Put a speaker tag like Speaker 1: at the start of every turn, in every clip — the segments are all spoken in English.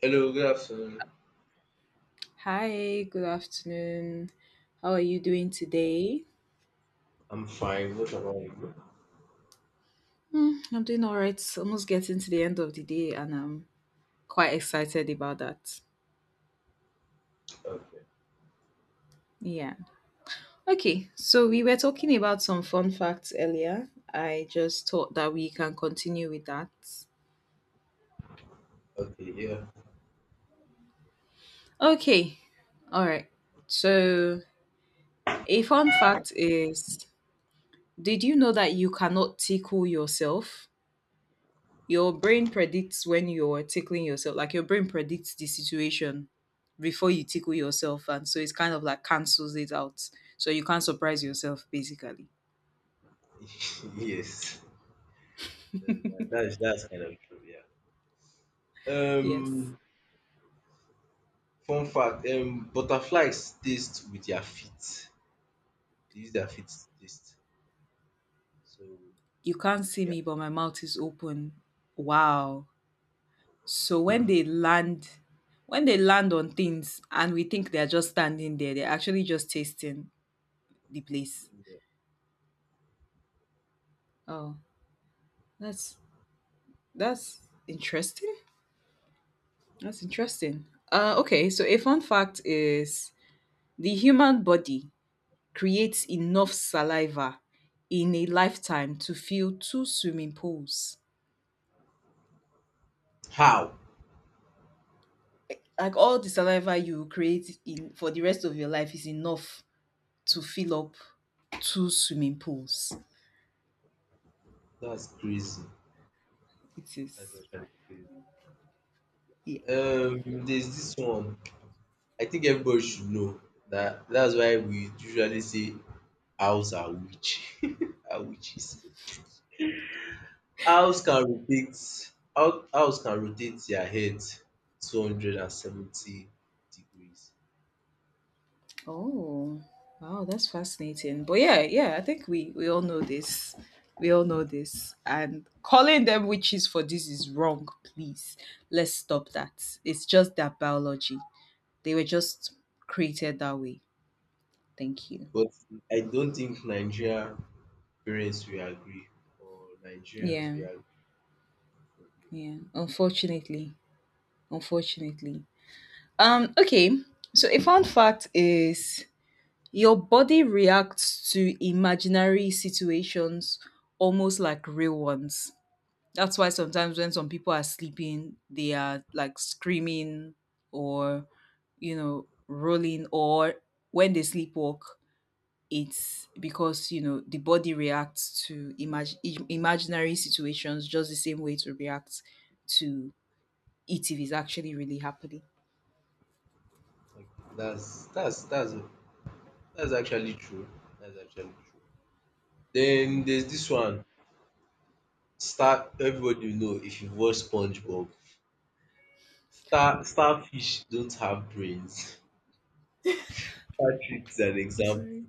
Speaker 1: Hello, good afternoon.
Speaker 2: Hi, good afternoon. How are you doing today?
Speaker 1: I'm fine. What about you?
Speaker 2: I'm doing all right. Almost getting to the end of the day, and I'm quite excited about that.
Speaker 1: Okay.
Speaker 2: Yeah. Okay, so we were talking about some fun facts earlier. I just thought that we can continue with that.
Speaker 1: Okay. Yeah.
Speaker 2: Okay, all right. So, a fun fact is, did you know that you cannot tickle yourself? Your brain predicts when you're tickling yourself, like your brain predicts the situation before you tickle yourself, and so it's kind of like cancels it out. So you can't surprise yourself, basically.
Speaker 1: Yes. Uh, that's kind of true. Yeah.
Speaker 2: Yes.
Speaker 1: Um. Fun fact. Butterflies taste with their feet. They use their feet to taste. So,
Speaker 2: You can't see
Speaker 1: yeah,
Speaker 2: me, but my mouth is open. Wow. So when they land on things and we think they're just standing there, they're actually just tasting the place.
Speaker 1: yeah.
Speaker 2: Oh, that's that's interesting. That's interesting. Okay, so a fun fact is, the human body creates enough saliva in a lifetime to fill 2 swimming pools.
Speaker 1: How?
Speaker 2: Like all the saliva you create in for the rest of your life is enough to fill up 2 swimming pools.
Speaker 1: That's crazy.
Speaker 2: It
Speaker 1: That's
Speaker 2: is.
Speaker 1: actually crazy.
Speaker 2: Yeah.
Speaker 1: There's this one. I think everybody should know that. That's why we usually say owls are witch. Are witches. Owls can rotate owls can rotate their head 270 degrees,
Speaker 2: Oh. Wow, that's fascinating. But yeah, yeah, I think we all know this. We all know this. And calling them witches for this is wrong, please. Let's stop that. It's just their biology. They were just created that way. Thank you.
Speaker 1: but I don't think Nigeria parents will agree or Nigerians
Speaker 2: Yeah,
Speaker 1: will agree.
Speaker 2: yeah. Unfortunately, unfortunately. Okay. So a fun fact is your body reacts to imaginary situations almost like real ones. That's why sometimes when some people are sleeping, they are like screaming or rolling, or when they sleepwalk. It's because the body reacts to imaginary situations just the same way to react to it if it's actually really happening.
Speaker 1: Like, that's that's that's that's actually true. That's actually true. Then there's this one. Star everybody will know if you've watched SpongeBob. Starfish don't have brains. Patrick is an
Speaker 2: I'm
Speaker 1: example.
Speaker 2: sorry.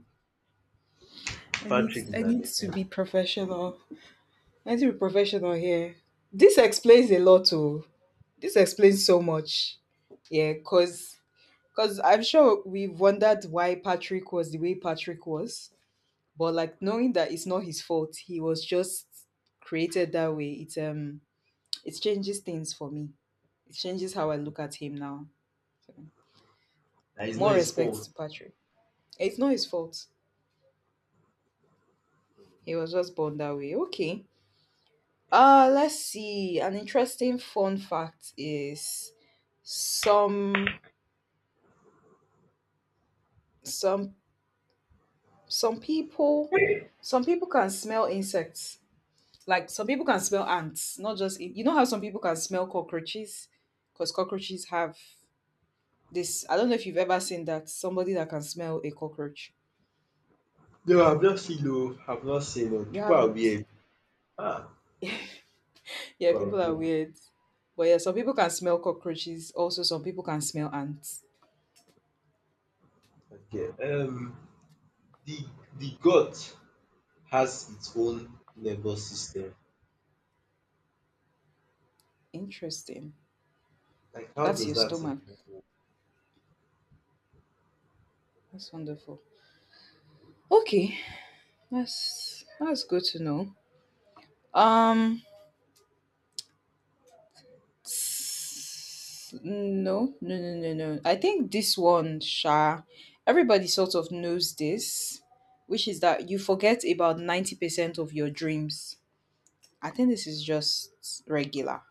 Speaker 2: i need
Speaker 1: Patrick
Speaker 2: i
Speaker 1: is an
Speaker 2: need to
Speaker 1: example.
Speaker 2: be professional. I need to be professional here. This explains a lot, oh. This explains so much. Yeah, cause I'm sure we have wondered why Patrick was the way Patrick was, but like knowing that it's not his fault, he was just created that way. It's it changes things for me. It changes how I look at him now. So,
Speaker 1: And it's
Speaker 2: more
Speaker 1: not his
Speaker 2: respect
Speaker 1: fault.
Speaker 2: to Patrick. It's not his fault. He was just born that way. Okay. Let's see. An interesting fun fact is some some some people some people can smell insects. Like some people can smell ants, not just you know how some people can smell cockroaches because cockroaches have this. I don't know if you've ever seen that somebody that can smell a cockroach.
Speaker 1: No, I've not seen, no. I've not seen, no.
Speaker 2: You
Speaker 1: People are
Speaker 2: haven't.
Speaker 1: weird. Ah,
Speaker 2: Yeah,
Speaker 1: people are
Speaker 2: people are
Speaker 1: weird.
Speaker 2: weird. But yeah, some people can smell cockroaches. Also, some people can smell ants.
Speaker 1: Okay. The the gut has its own nervous system.
Speaker 2: Interesting.
Speaker 1: Like, how
Speaker 2: That's
Speaker 1: does
Speaker 2: your
Speaker 1: that
Speaker 2: stomach.
Speaker 1: even work?
Speaker 2: That's wonderful. Okay, that's good to know. Um, no, no, no, no, no. I think this one, Sha, everybody sort of knows this, which is that you forget about 90% of your dreams. I think this is just regular.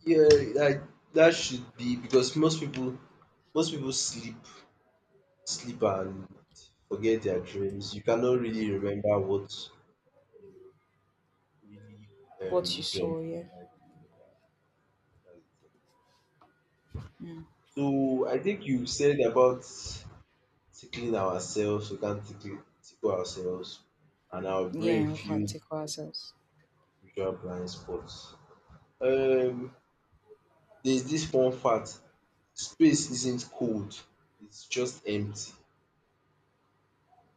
Speaker 1: Yeah, like, that should be because most people sleep and forget their dreams. You cannot really remember what you really
Speaker 2: What you
Speaker 1: dreamt.
Speaker 2: saw, yeah,
Speaker 1: And, like, yeah, that's it. So I think you said about tickling ourselves, we can't tickle ourselves, and our brain
Speaker 2: yeah, we can't
Speaker 1: feels
Speaker 2: take ourselves.
Speaker 1: visual blind spots. Um, there's this fun fact, space isn't cold, it's just empty.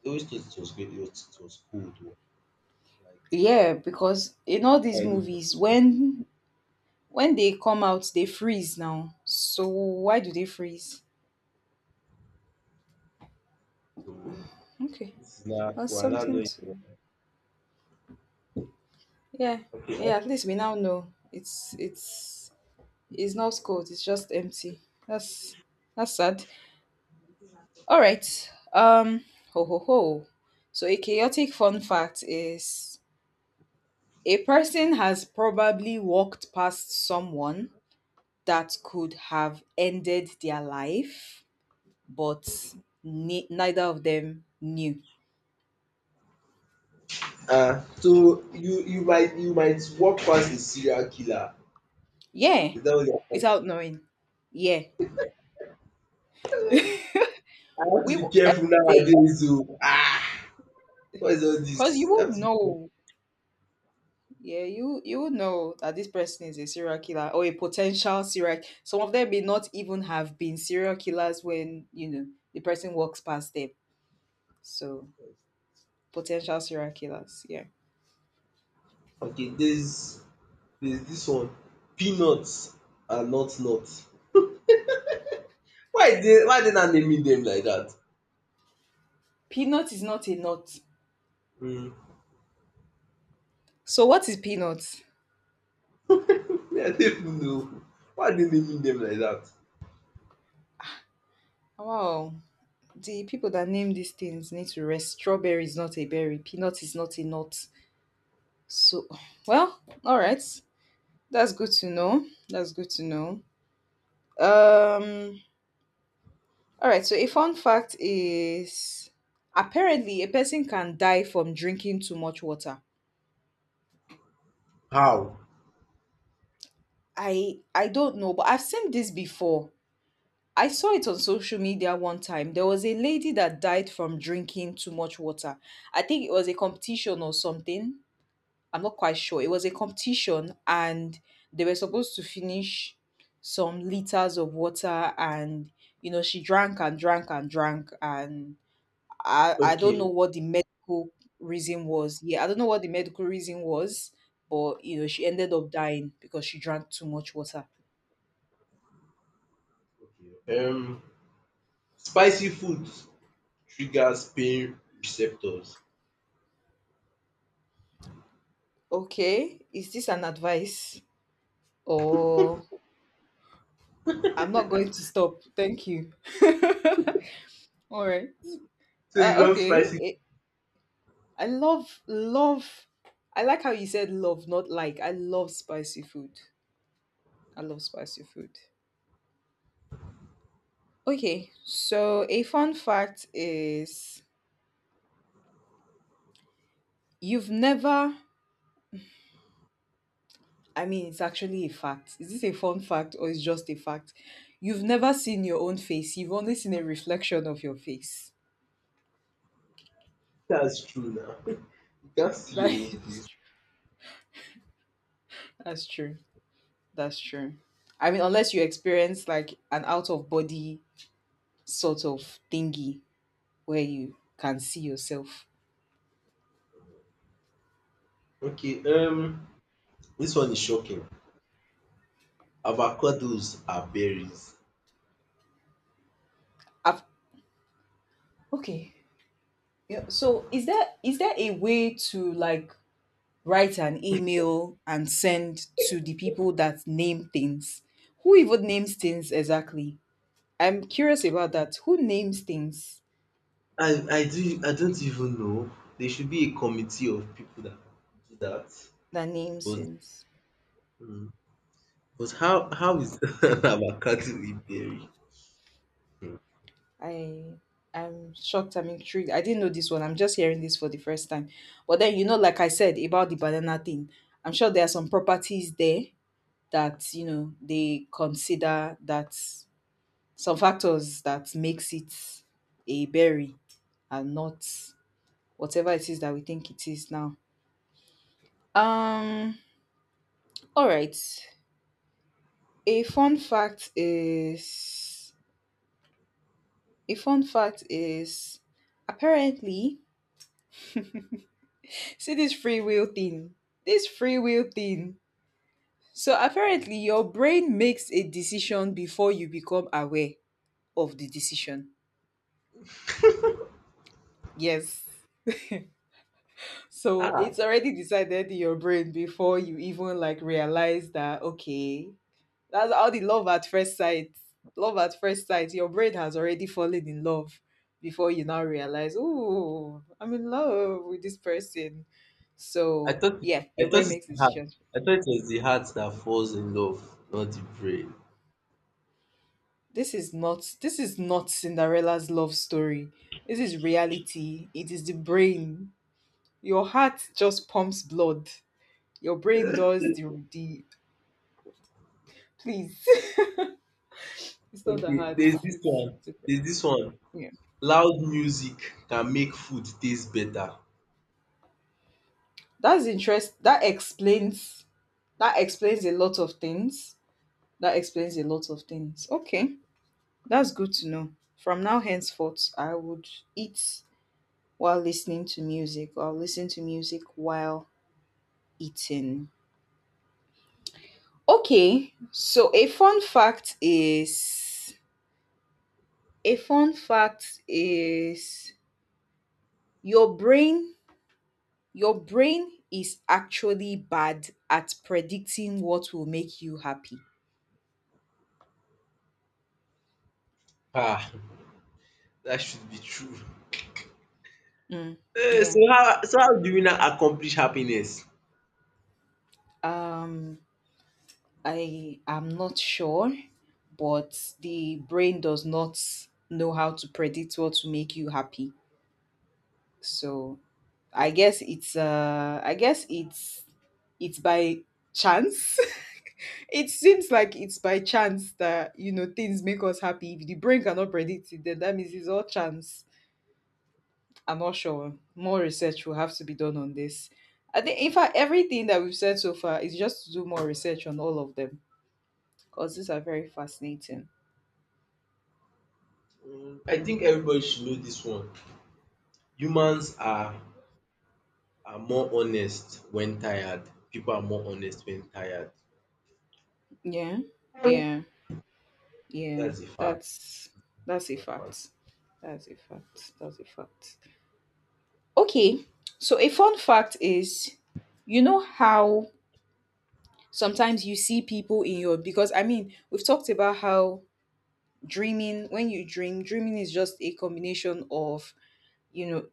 Speaker 1: I always thought it was great, it was cold, oh, like,
Speaker 2: Yeah, because in all these
Speaker 1: highly
Speaker 2: movies,
Speaker 1: functional.
Speaker 2: when they come out, they freeze now. So why do they freeze?
Speaker 1: So
Speaker 2: Okay,
Speaker 1: this is now we
Speaker 2: that's
Speaker 1: are now
Speaker 2: something
Speaker 1: knowing it.
Speaker 2: to. Yeah,
Speaker 1: Okay.
Speaker 2: yeah. At least we now know it's not cold. It's just empty. That's that's sad. All right. Ho ho ho. So a chaotic fun fact is a person has probably walked past someone that could have ended their life, but neither of them knew.
Speaker 1: Ah, so you might walk past a serial killer.
Speaker 2: Yeah,
Speaker 1: Is that what you're talking?
Speaker 2: without knowing. Yeah,
Speaker 1: I have to
Speaker 2: we
Speaker 1: be
Speaker 2: will
Speaker 1: careful
Speaker 2: every day
Speaker 1: nowadays. So, ah, what is all
Speaker 2: because you
Speaker 1: this? I
Speaker 2: would
Speaker 1: have to be.
Speaker 2: know. Yeah, you would know that this person is a serial killer or a potential serial. Some of them may not even have been serial killers when you know the person walks past them. So potential serial killers. Yeah,
Speaker 1: Okay, there's this one: peanuts are not nuts. Why dey now naming them like that?
Speaker 2: peanut is not a nut.
Speaker 1: um
Speaker 2: So what is peanut?
Speaker 1: Me, I no even know. Why are dey naming them like that?
Speaker 2: Wow, the people that name these things need to rest. Strawberry is not a berry. Peanut is not a nut. So, well, all right. That's good to know. That's good to know. Um, all right. So, a fun fact is apparently a person can die from drinking too much water.
Speaker 1: How?
Speaker 2: I don't know, but I've seen this before. I saw it on social media one time. There was a lady that died from drinking too much water. I think it was a competition or something. I'm not quite sure. It was a competition and they were supposed to finish some liters of water, and you know she drank and drank and drank, and I don't
Speaker 1: Okay,
Speaker 2: know what the medical reason was. Yeah, I don't know what the medical reason was, but you know she ended up dying because she drank too much water.
Speaker 1: okay. Spicy food triggers pain receptors.
Speaker 2: Okay, is this an advice, or I'm not going to stop. Thank you. All right.
Speaker 1: So you love spicy.
Speaker 2: Okay. I love love. I like how you said love, not like. I love spicy food. I love spicy food. Okay, so a fun fact is you've never. I mean, it's actually a fact. Is this a fun fact or is just a fact? You've never seen your own face. You've only seen a reflection of your face.
Speaker 1: That's true now. You can't see
Speaker 2: That
Speaker 1: your own
Speaker 2: is.
Speaker 1: face.
Speaker 2: That's true. That's true. I mean, unless you experience like an out of body sort of thingy where you can see yourself.
Speaker 1: Okay, this one is shocking: avocados are berries.
Speaker 2: I've Okay. Yeah. So is there a way to like write an email and send to the people that name things? Who even names things exactly? I'm curious about that. Who names things
Speaker 1: I don't even know. There should be a committee of people that do that.
Speaker 2: that names
Speaker 1: But
Speaker 2: things?
Speaker 1: mm, but how is about Catholic theory?
Speaker 2: I I'm shocked. I'm intrigued. I didn't know this one. I'm just hearing this for the first time. But then you know, like I said about the banana thing, I'm sure there are some properties there that you know they consider, that some factors that makes it a berry and not whatever it is that we think it is now. Um all right. A fun fact is a fun fact is apparently see this free will thing. This free will thing. So apparently your brain makes a decision before you become aware of the decision. Yes. So
Speaker 1: Ah,
Speaker 2: it's already decided in your brain before you even like realize that, okay, that's how the love at first sight. Love at first sight. Your brain has already fallen in love before you now realize, oh, I'm in love with this person.
Speaker 1: I
Speaker 2: So
Speaker 1: thought it-
Speaker 2: yeah, your
Speaker 1: I thought
Speaker 2: brain
Speaker 1: it's
Speaker 2: makes
Speaker 1: the heart.
Speaker 2: decisions.
Speaker 1: I thought it was the heart that falls in love, not the brain.
Speaker 2: This is not Cinderella's love story. This is reality. It is the brain. Your heart just pumps blood. Your brain does the please. It's not that
Speaker 1: Okay,
Speaker 2: hard.
Speaker 1: there's this
Speaker 2: It's
Speaker 1: one.
Speaker 2: different.
Speaker 1: There's this one.
Speaker 2: Yeah.
Speaker 1: Loud music can make food taste better.
Speaker 2: That's interest. That explains. That explains a lot of things. That explains a lot of things. Okay, that's good to know. From now henceforth, I would eat while listening to music, or listen to music while eating. Okay, so a fun fact is a fun fact is your brain your brain is actually bad at predicting what will make you happy.
Speaker 1: Ah, that should be true.
Speaker 2: Mm,
Speaker 1: Eh,
Speaker 2: yeah.
Speaker 1: so how do we now accomplish happiness?
Speaker 2: Um, I am not sure, but the brain does not know how to predict what will make you happy. So I guess it's by chance. It seems like it's by chance that you know things make us happy. If the brain cannot predict it, then that means it's all chance. I'm not sure. More research will have to be done on this. I think, in fact, everything that we've said so far is just to do more research on all of them because these are very fascinating.
Speaker 1: I think everybody should know this one. Humans are more honest when tired. People are more honest when tired.
Speaker 2: Yeah, yeah, yeah.
Speaker 1: That's a fact.
Speaker 2: That's that's a
Speaker 1: A fun fact.
Speaker 2: fact. That's a fact. That's a fact. Okay, so a fun fact is, you know how sometimes you see people in your, because I mean we've talked about how dreaming when you dream, dreaming is just a combination of you know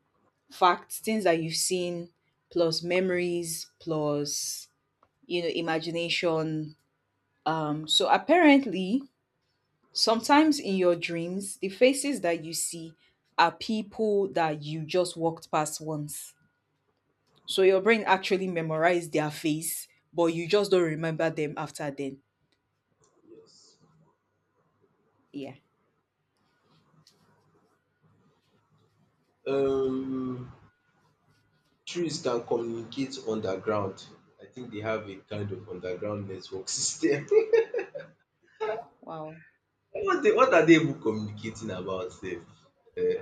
Speaker 2: facts, things that you've seen, plus memories, plus you know, imagination. So apparently, sometimes in your dreams, the faces that you see are people that you just walked past once. So your brain actually memorized their face, but you just don't remember them after then.
Speaker 1: Yes.
Speaker 2: Yeah.
Speaker 1: Um, trees can communicate underground. I think they have a kind of underground network system.
Speaker 2: Wow.
Speaker 1: What are they even communicating about? Sef? Eh,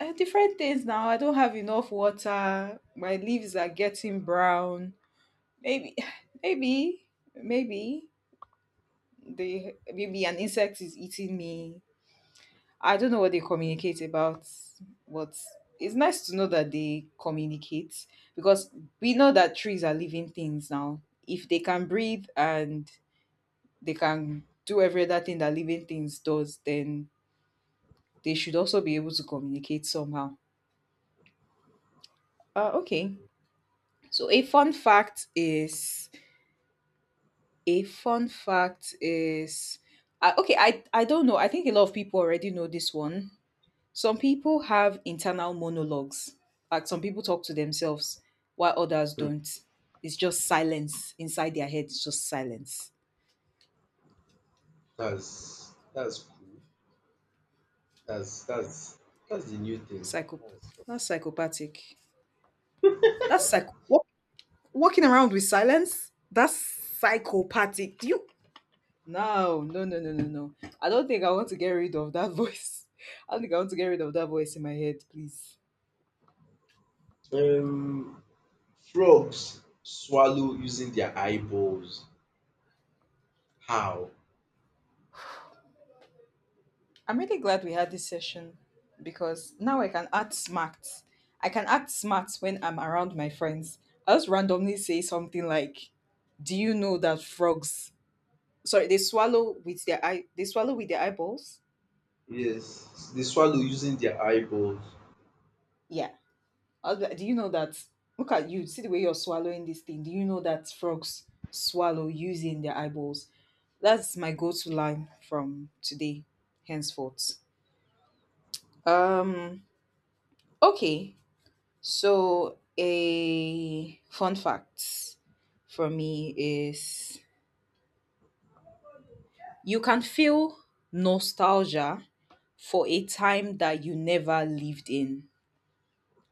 Speaker 2: Different things now. I don't have enough water. My leaves are getting brown. Maybe, maybe, maybe. They maybe an insect is eating me. I don't know what they communicate about, but it's nice to know that they communicate because we know that trees are living things now. If they can breathe and they can do every other thing that living things does, then they should also be able to communicate somehow. Okay. So a fun fact is a fun fact is okay. I don't know. I think a lot of people already know this one. Some people have internal monologues, like some people talk to themselves while others
Speaker 1: hmm,
Speaker 2: don't. It's just silence inside their head. It's just silence.
Speaker 1: that's cool. That's that's that's the new thing.
Speaker 2: Psycho.
Speaker 1: That's
Speaker 2: That's psychopathic. That's psych. Walking around with silence. That's psychopathic. Do you? No, no, no, no, no, no. I don't think I want to get rid of that voice. I don't think I want to get rid of that voice in my head. Please.
Speaker 1: cool. Frogs swallow using their eyeballs. How?
Speaker 2: I'm really glad we had this session because now I can act smart. I can act smart when I'm around my friends. I just randomly say something like, "Do you know that frogs? Sorry, they swallow with their eye. They swallow with their eyeballs.
Speaker 1: Yes, they swallow using their eyeballs.
Speaker 2: Yeah. I'll be like, do you know that? Look at you. See the way you're swallowing this thing. Do you know that frogs swallow using their eyeballs? That's my go-to line from today, henceforth." Um. Okay. So, a fun fact for me is you can feel nostalgia for a time that you never lived in.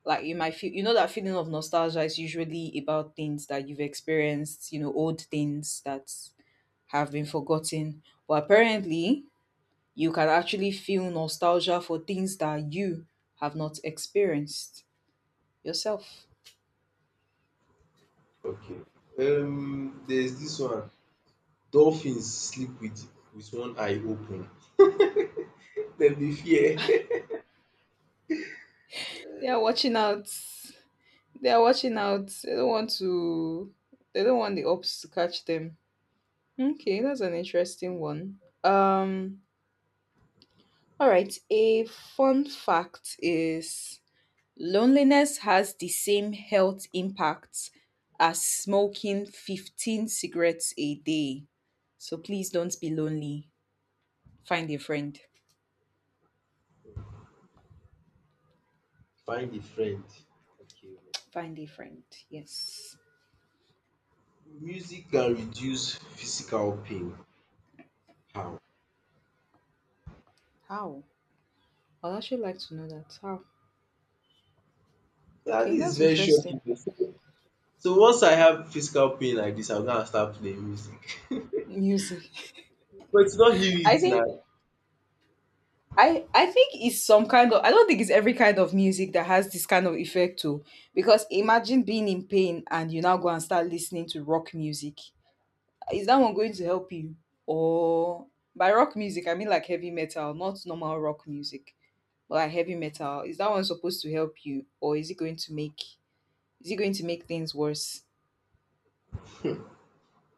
Speaker 2: Like you might feel, that feeling of nostalgia is usually about things that you've experienced, old things that have been forgotten. But apparently, you can actually feel nostalgia for things that you have not experienced yourself.
Speaker 1: Okay. There's this one. Dolphins sleep with one eye open. Dem dey fear.
Speaker 2: Yeah, watching out. They are watching out. They don't want to. They don't want the ops to catch them. Okay, that's an interesting one. All right. A fun fact is loneliness has the same health impacts as smoking 15 cigarettes a day. So please don't be lonely. Find a friend.
Speaker 1: Find a friend. Okay.
Speaker 2: Find a friend. Yes.
Speaker 1: Music can reduce physical pain. How?
Speaker 2: How? I'd actually like to know that. How?
Speaker 1: That
Speaker 2: Okay,
Speaker 1: is
Speaker 2: that's
Speaker 1: very
Speaker 2: interesting.
Speaker 1: shocking to say. So once I have physical pain like this, I'm gonna start playing music.
Speaker 2: Music.
Speaker 1: But it's not heal
Speaker 2: I
Speaker 1: it
Speaker 2: think
Speaker 1: now.
Speaker 2: I think it's some kind of I don't think it's every kind of music that has this kind of effect too. Because imagine being in pain and you now go and start listening to rock music. Is that one going to help you? Or by rock music I mean like heavy metal, not normal rock music, but like heavy metal. Is that one supposed to help you? Or is it going to make is it going to make things worse?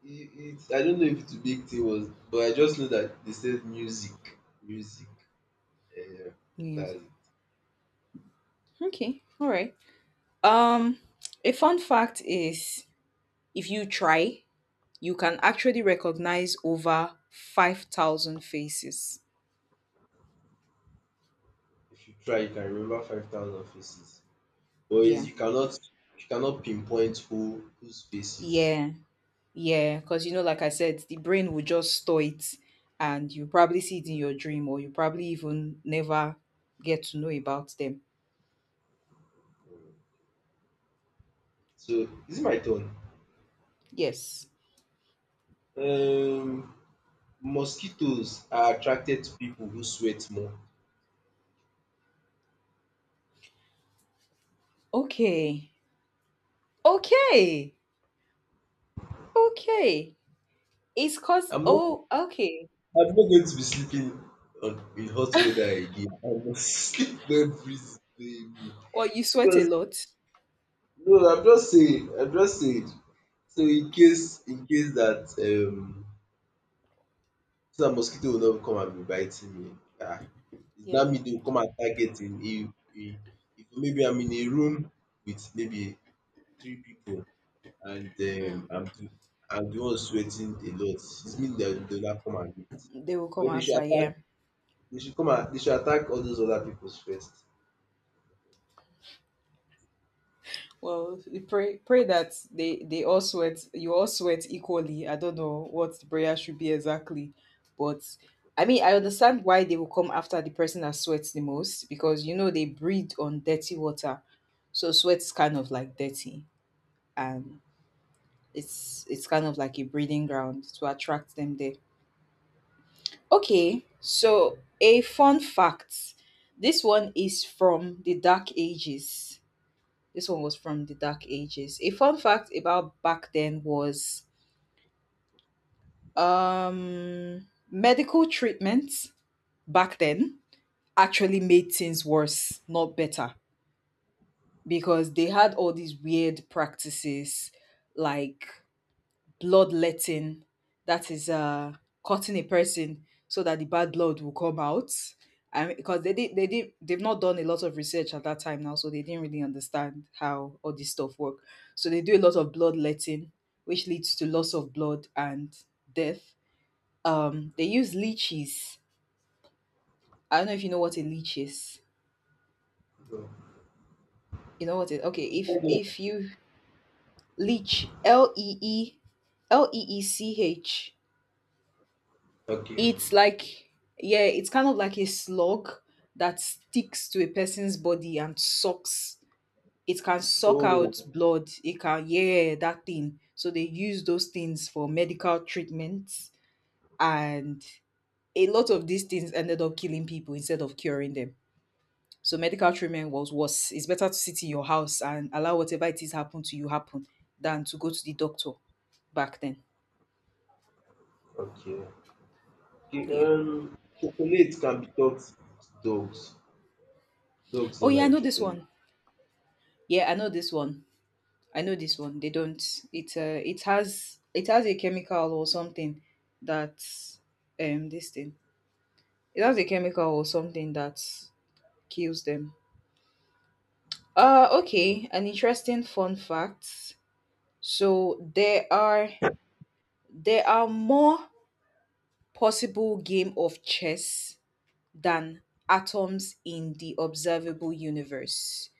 Speaker 1: It, I don't know if the big thing was, but I just know that they said music, um
Speaker 2: Music.
Speaker 1: that's.
Speaker 2: Okay. Alright. Um a fun fact is if you try you can actually recognize over 5,000 faces.
Speaker 1: If you try, you can remember 5,000 faces. But is,
Speaker 2: Yeah.
Speaker 1: you cannot pinpoint whose faces.
Speaker 2: Yeah. Yeah. Because, like I said, the brain will just store it and you probably see it in your dream or you probably even never get to know about them.
Speaker 1: So is it my turn?
Speaker 2: Yes.
Speaker 1: Um Mosquitoes are attracted to people who sweat more.
Speaker 2: Okay. Okay. Okay. It's because,
Speaker 1: I'm not
Speaker 2: oh, okay.
Speaker 1: I'm not going to be sleeping on in hot weather again. I must sleep when breeze dey me.
Speaker 2: Or you sweat a
Speaker 1: Because
Speaker 2: lot.
Speaker 1: no, I'm just saying, I'm just saying. So in case that so dat mosquito will not come and be biting me. Ah, it's not
Speaker 2: Yeah.
Speaker 1: me they will come and target, im, if maybe I'm in a room with maybe three people, and
Speaker 2: Mm.
Speaker 1: I'm the one sweating a lot. It's me that they will not come and meet.
Speaker 2: They will come
Speaker 1: But dey should
Speaker 2: after.
Speaker 1: attack
Speaker 2: Yeah.
Speaker 1: They should come and dey should attack all those other pipus first.
Speaker 2: Well, you pray that they all sweat you all sweat equally. I don't know what the prayer should be exactly, but I mean I understand why they will come after the person that sweats the most because you know they breathe on dirty water, so sweat is kind of like dirty and it's kind of like a breeding ground to attract them there. Okay, so a fun fact. This one is from the Dark Ages. This one was from the Dark Ages. A fun fact about back then was medical treatments back then actually made things worse, not better, because they had all these weird practices like bloodletting, that is, cutting a person so that the bad blood will come out. And because they've not done a lot of research at that time now, so they didn't really understand how all this stuff work. So they do a lot of bloodletting, which leads to loss of blood and death. They use leeches. I don't know if you know what a leech is.
Speaker 1: So,
Speaker 2: You know what it? Okay, if you leech, leech.
Speaker 1: okay.
Speaker 2: It's like yeah, it's kind of like a slug that sticks to a person's body and sucks. It can suck
Speaker 1: Oh,
Speaker 2: out blood. It can, yeah, that thing. So they use those things for medical treatments and a lot of these things ended up killing people instead of curing them. So medical treatment was worse. It's better to sit in your house and allow whatever it is happen to you happen than to go to the doctor back then.
Speaker 1: okay. Okay,
Speaker 2: Yeah.
Speaker 1: chocolate can be toxic to dogs. Dogs
Speaker 2: Oh
Speaker 1: don't
Speaker 2: yeah, I
Speaker 1: like
Speaker 2: know this
Speaker 1: chocolate.
Speaker 2: one. Yeah, I know this one. I know this one. They don't. It has a chemical or something that this thing. It has a chemical or something that kills them. Okay, an interesting fun fact. So there are more possible game of chess than atoms in the observable universe.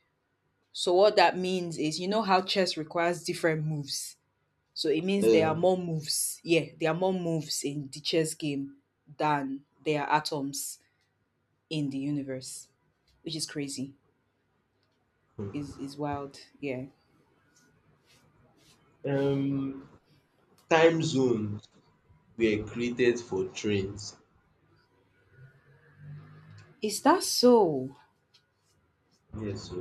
Speaker 2: So what that means is you know how chess requires different moves. So it means there are
Speaker 1: um
Speaker 2: more moves. Yeah, there are more moves in the chess game than there are atoms in the universe, which is crazy. Is
Speaker 1: hmm.
Speaker 2: is wild. Yeah.
Speaker 1: um Time zones were created for trains.
Speaker 2: Is that so?
Speaker 1: Yes, so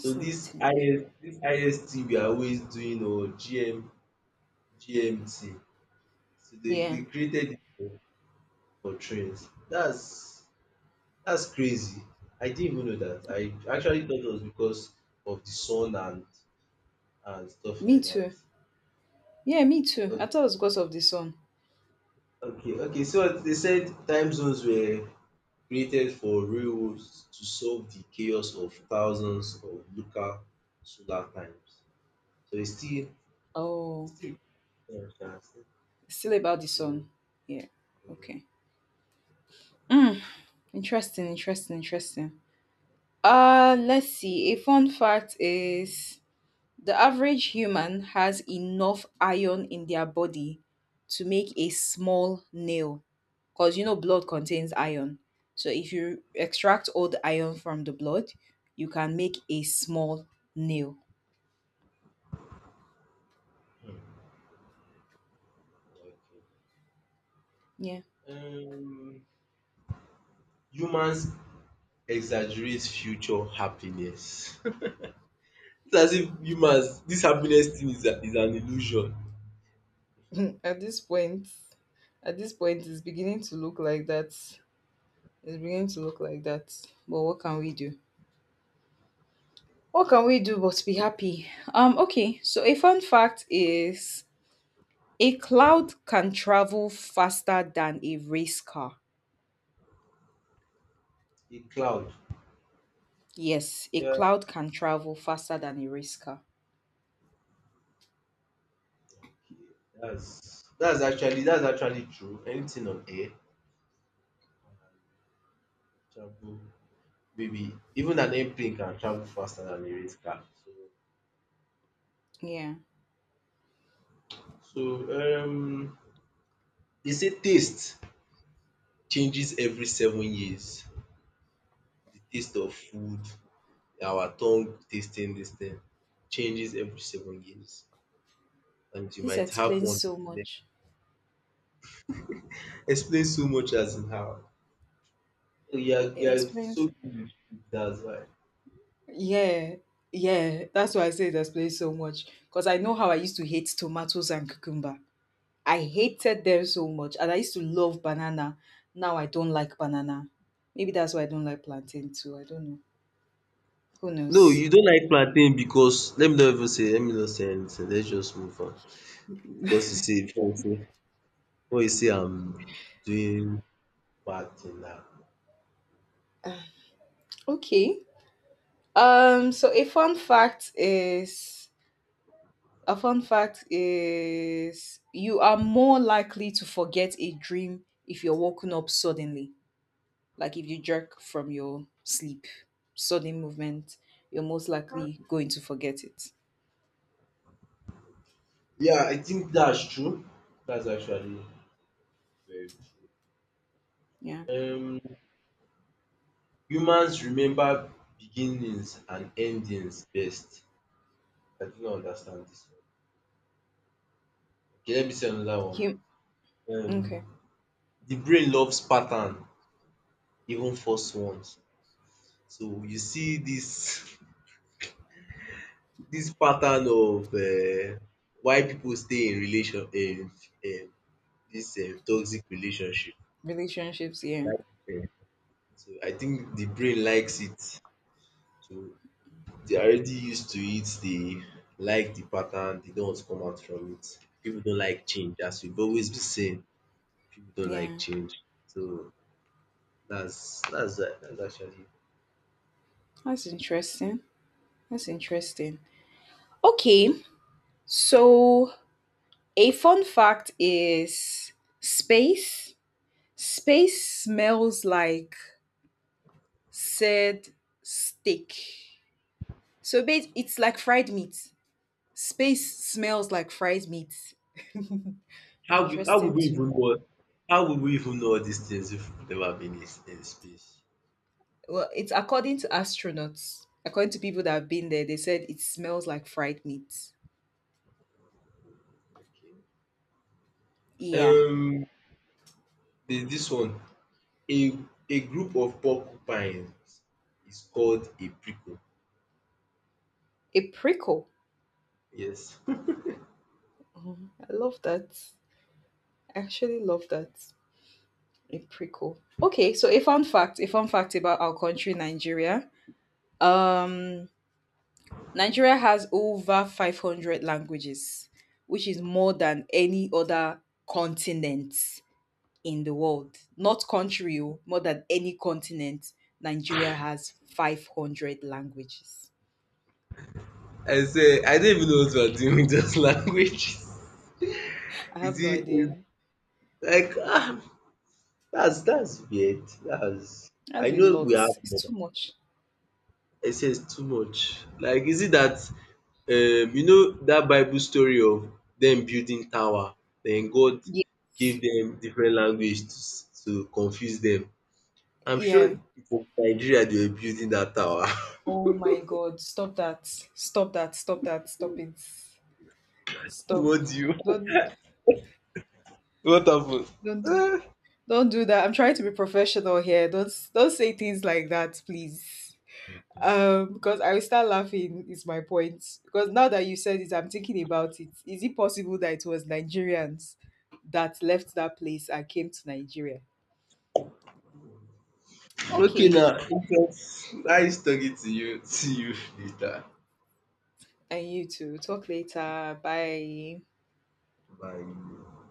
Speaker 1: So this IS dis IST we are always doing or GM GMT. So they
Speaker 2: Yeah.
Speaker 1: they created it for trains. That's crazy. I didn't even know that. I actually thought it was because of the sun and stuff
Speaker 2: Me
Speaker 1: like that.
Speaker 2: too. Yeah, me too. I
Speaker 1: Okay,
Speaker 2: thought it was because of the sun.
Speaker 1: okay, okay, so they said time zones were created for railroads to solve the chaos of thousands of local solar times. So it's still
Speaker 2: Oh,
Speaker 1: it's still sha still.
Speaker 2: still about the sun.
Speaker 1: So,
Speaker 2: Yeah.
Speaker 1: um
Speaker 2: Okay. Mm, interesting. Interesting. Interesting. Let's see. A fun fact is the average human has enough iron in their body to make a small nail because you know blood contains iron. So if you extract all the iron from the blood, you can make a small nail.
Speaker 1: um
Speaker 2: Yeah.
Speaker 1: okay. Humans exaggerate future happiness. It's as if humans this happiness thing is a is an illusion.
Speaker 2: at this point, at this point, it's beginning to look like that. It's beginning to look like that. But what can we do? What can we do but be happy? Okay, so a fun fact is a cloud can travel faster than a race car.
Speaker 1: A cloud.
Speaker 2: Yes, a
Speaker 1: Yeah.
Speaker 2: cloud can travel faster than a race car.
Speaker 1: Okay, that's actually true. Anything on air can travel, baby. Even an airplane can travel faster than a race car. So,
Speaker 2: Yeah.
Speaker 1: so um, they say taste changes every 7 years. The taste of food, our tongue tasting this thing changes every 7 years, and you
Speaker 2: This
Speaker 1: might have one
Speaker 2: explains
Speaker 1: with
Speaker 2: so
Speaker 1: the next.
Speaker 2: much.
Speaker 1: Explain so much as in how. Oh, You are,
Speaker 2: It
Speaker 1: you are so
Speaker 2: explains.
Speaker 1: good with food, that's why.
Speaker 2: Yeah. Yeah. That's why I say it explains so much. Because I know how I used to hate tomatoes and cucumber. I hated them so much. And I used to love banana. Now I don't like banana. Maybe that's why I don't like plantain too. I don't know. Who
Speaker 1: No,
Speaker 2: knows?
Speaker 1: you don't like plantain because let me not say anything. Let's just move on because you see, before you say I'm doing bad thing na.
Speaker 2: Ah, okay. Um, so a fun fact is A fun fact is you are more likely to forget a dream if you're woken up suddenly. Like if you jerk from your sleep, sudden movement, you're most likely going to forget it.
Speaker 1: Yeah, I think that's true. That's actually very true.
Speaker 2: Yeah.
Speaker 1: Um Humans remember beginnings and endings best. I do not understand this one. Okay, let me say another one.
Speaker 2: Hum- okay.
Speaker 1: Um the brain loves pattern, even false ones. So you see this this pattern of why people stay in relation in um this toxic relationship.
Speaker 2: Relationships, yeah.
Speaker 1: Like, so I think the brain likes it. So they are already used to it, they like the pattern, they don't want to come out from it. People don't like change, as we've always been saying, people don't like
Speaker 2: Yeah.
Speaker 1: change. So that's actually
Speaker 2: That's interesting. That's interesting. Okay. So a fun fact is space. Space smells like said steak. So It's like fried meat. Space smells like fried meat. That's
Speaker 1: how would
Speaker 2: interesting
Speaker 1: we
Speaker 2: to
Speaker 1: even
Speaker 2: know.
Speaker 1: know how would we even know all these things if we've never been in space?
Speaker 2: Well, it's according to astronauts. According to people that have been there, they said it smells like fried meat.
Speaker 1: Okay.
Speaker 2: Yeah.
Speaker 1: Um there's this one. A a group of porcupines is called a prickle.
Speaker 2: A prickle.
Speaker 1: Yes.
Speaker 2: Oh, I love that. I actually love that. A prickle. Okay, so a fun fact about our country, Nigeria. Um, Nigeria has over 500 languages, which is more than any other continent in the world, not country, oh, more than any continent. Nigeria has 500 languages.
Speaker 1: I say I don't even know what we're doing with those languages.
Speaker 2: I have
Speaker 1: Is
Speaker 2: no
Speaker 1: it
Speaker 2: idea.
Speaker 1: Like, ah, that's weird. That's I
Speaker 2: That's a
Speaker 1: know
Speaker 2: lot.
Speaker 1: we have
Speaker 2: It's
Speaker 1: more.
Speaker 2: too much.
Speaker 1: I say it's too much. Like, is it that you know that Bible story of them building tower, then God
Speaker 2: Yeah.
Speaker 1: give them different language to confuse them. I'm sure
Speaker 2: Yeah.
Speaker 1: it, Nigeria, they were building that tower.
Speaker 2: Oh my God. Stop that. Stop that. Stop that. Stop it. Stop.
Speaker 1: What do you
Speaker 2: Don't
Speaker 1: What happen?
Speaker 2: don't do
Speaker 1: Ah,
Speaker 2: don't do that. I'm trying to be professional here. Don't say things like that, please. Because I will start laughing is my point, because now that you said it, I'm thinking about it. Is it possible that it was Nigerians that left that place and came to Nigeria?
Speaker 1: okay
Speaker 2: Okay.
Speaker 1: now. It was nice talking to you. See you later.
Speaker 2: And you too. Talk later. Bye.
Speaker 1: Bye.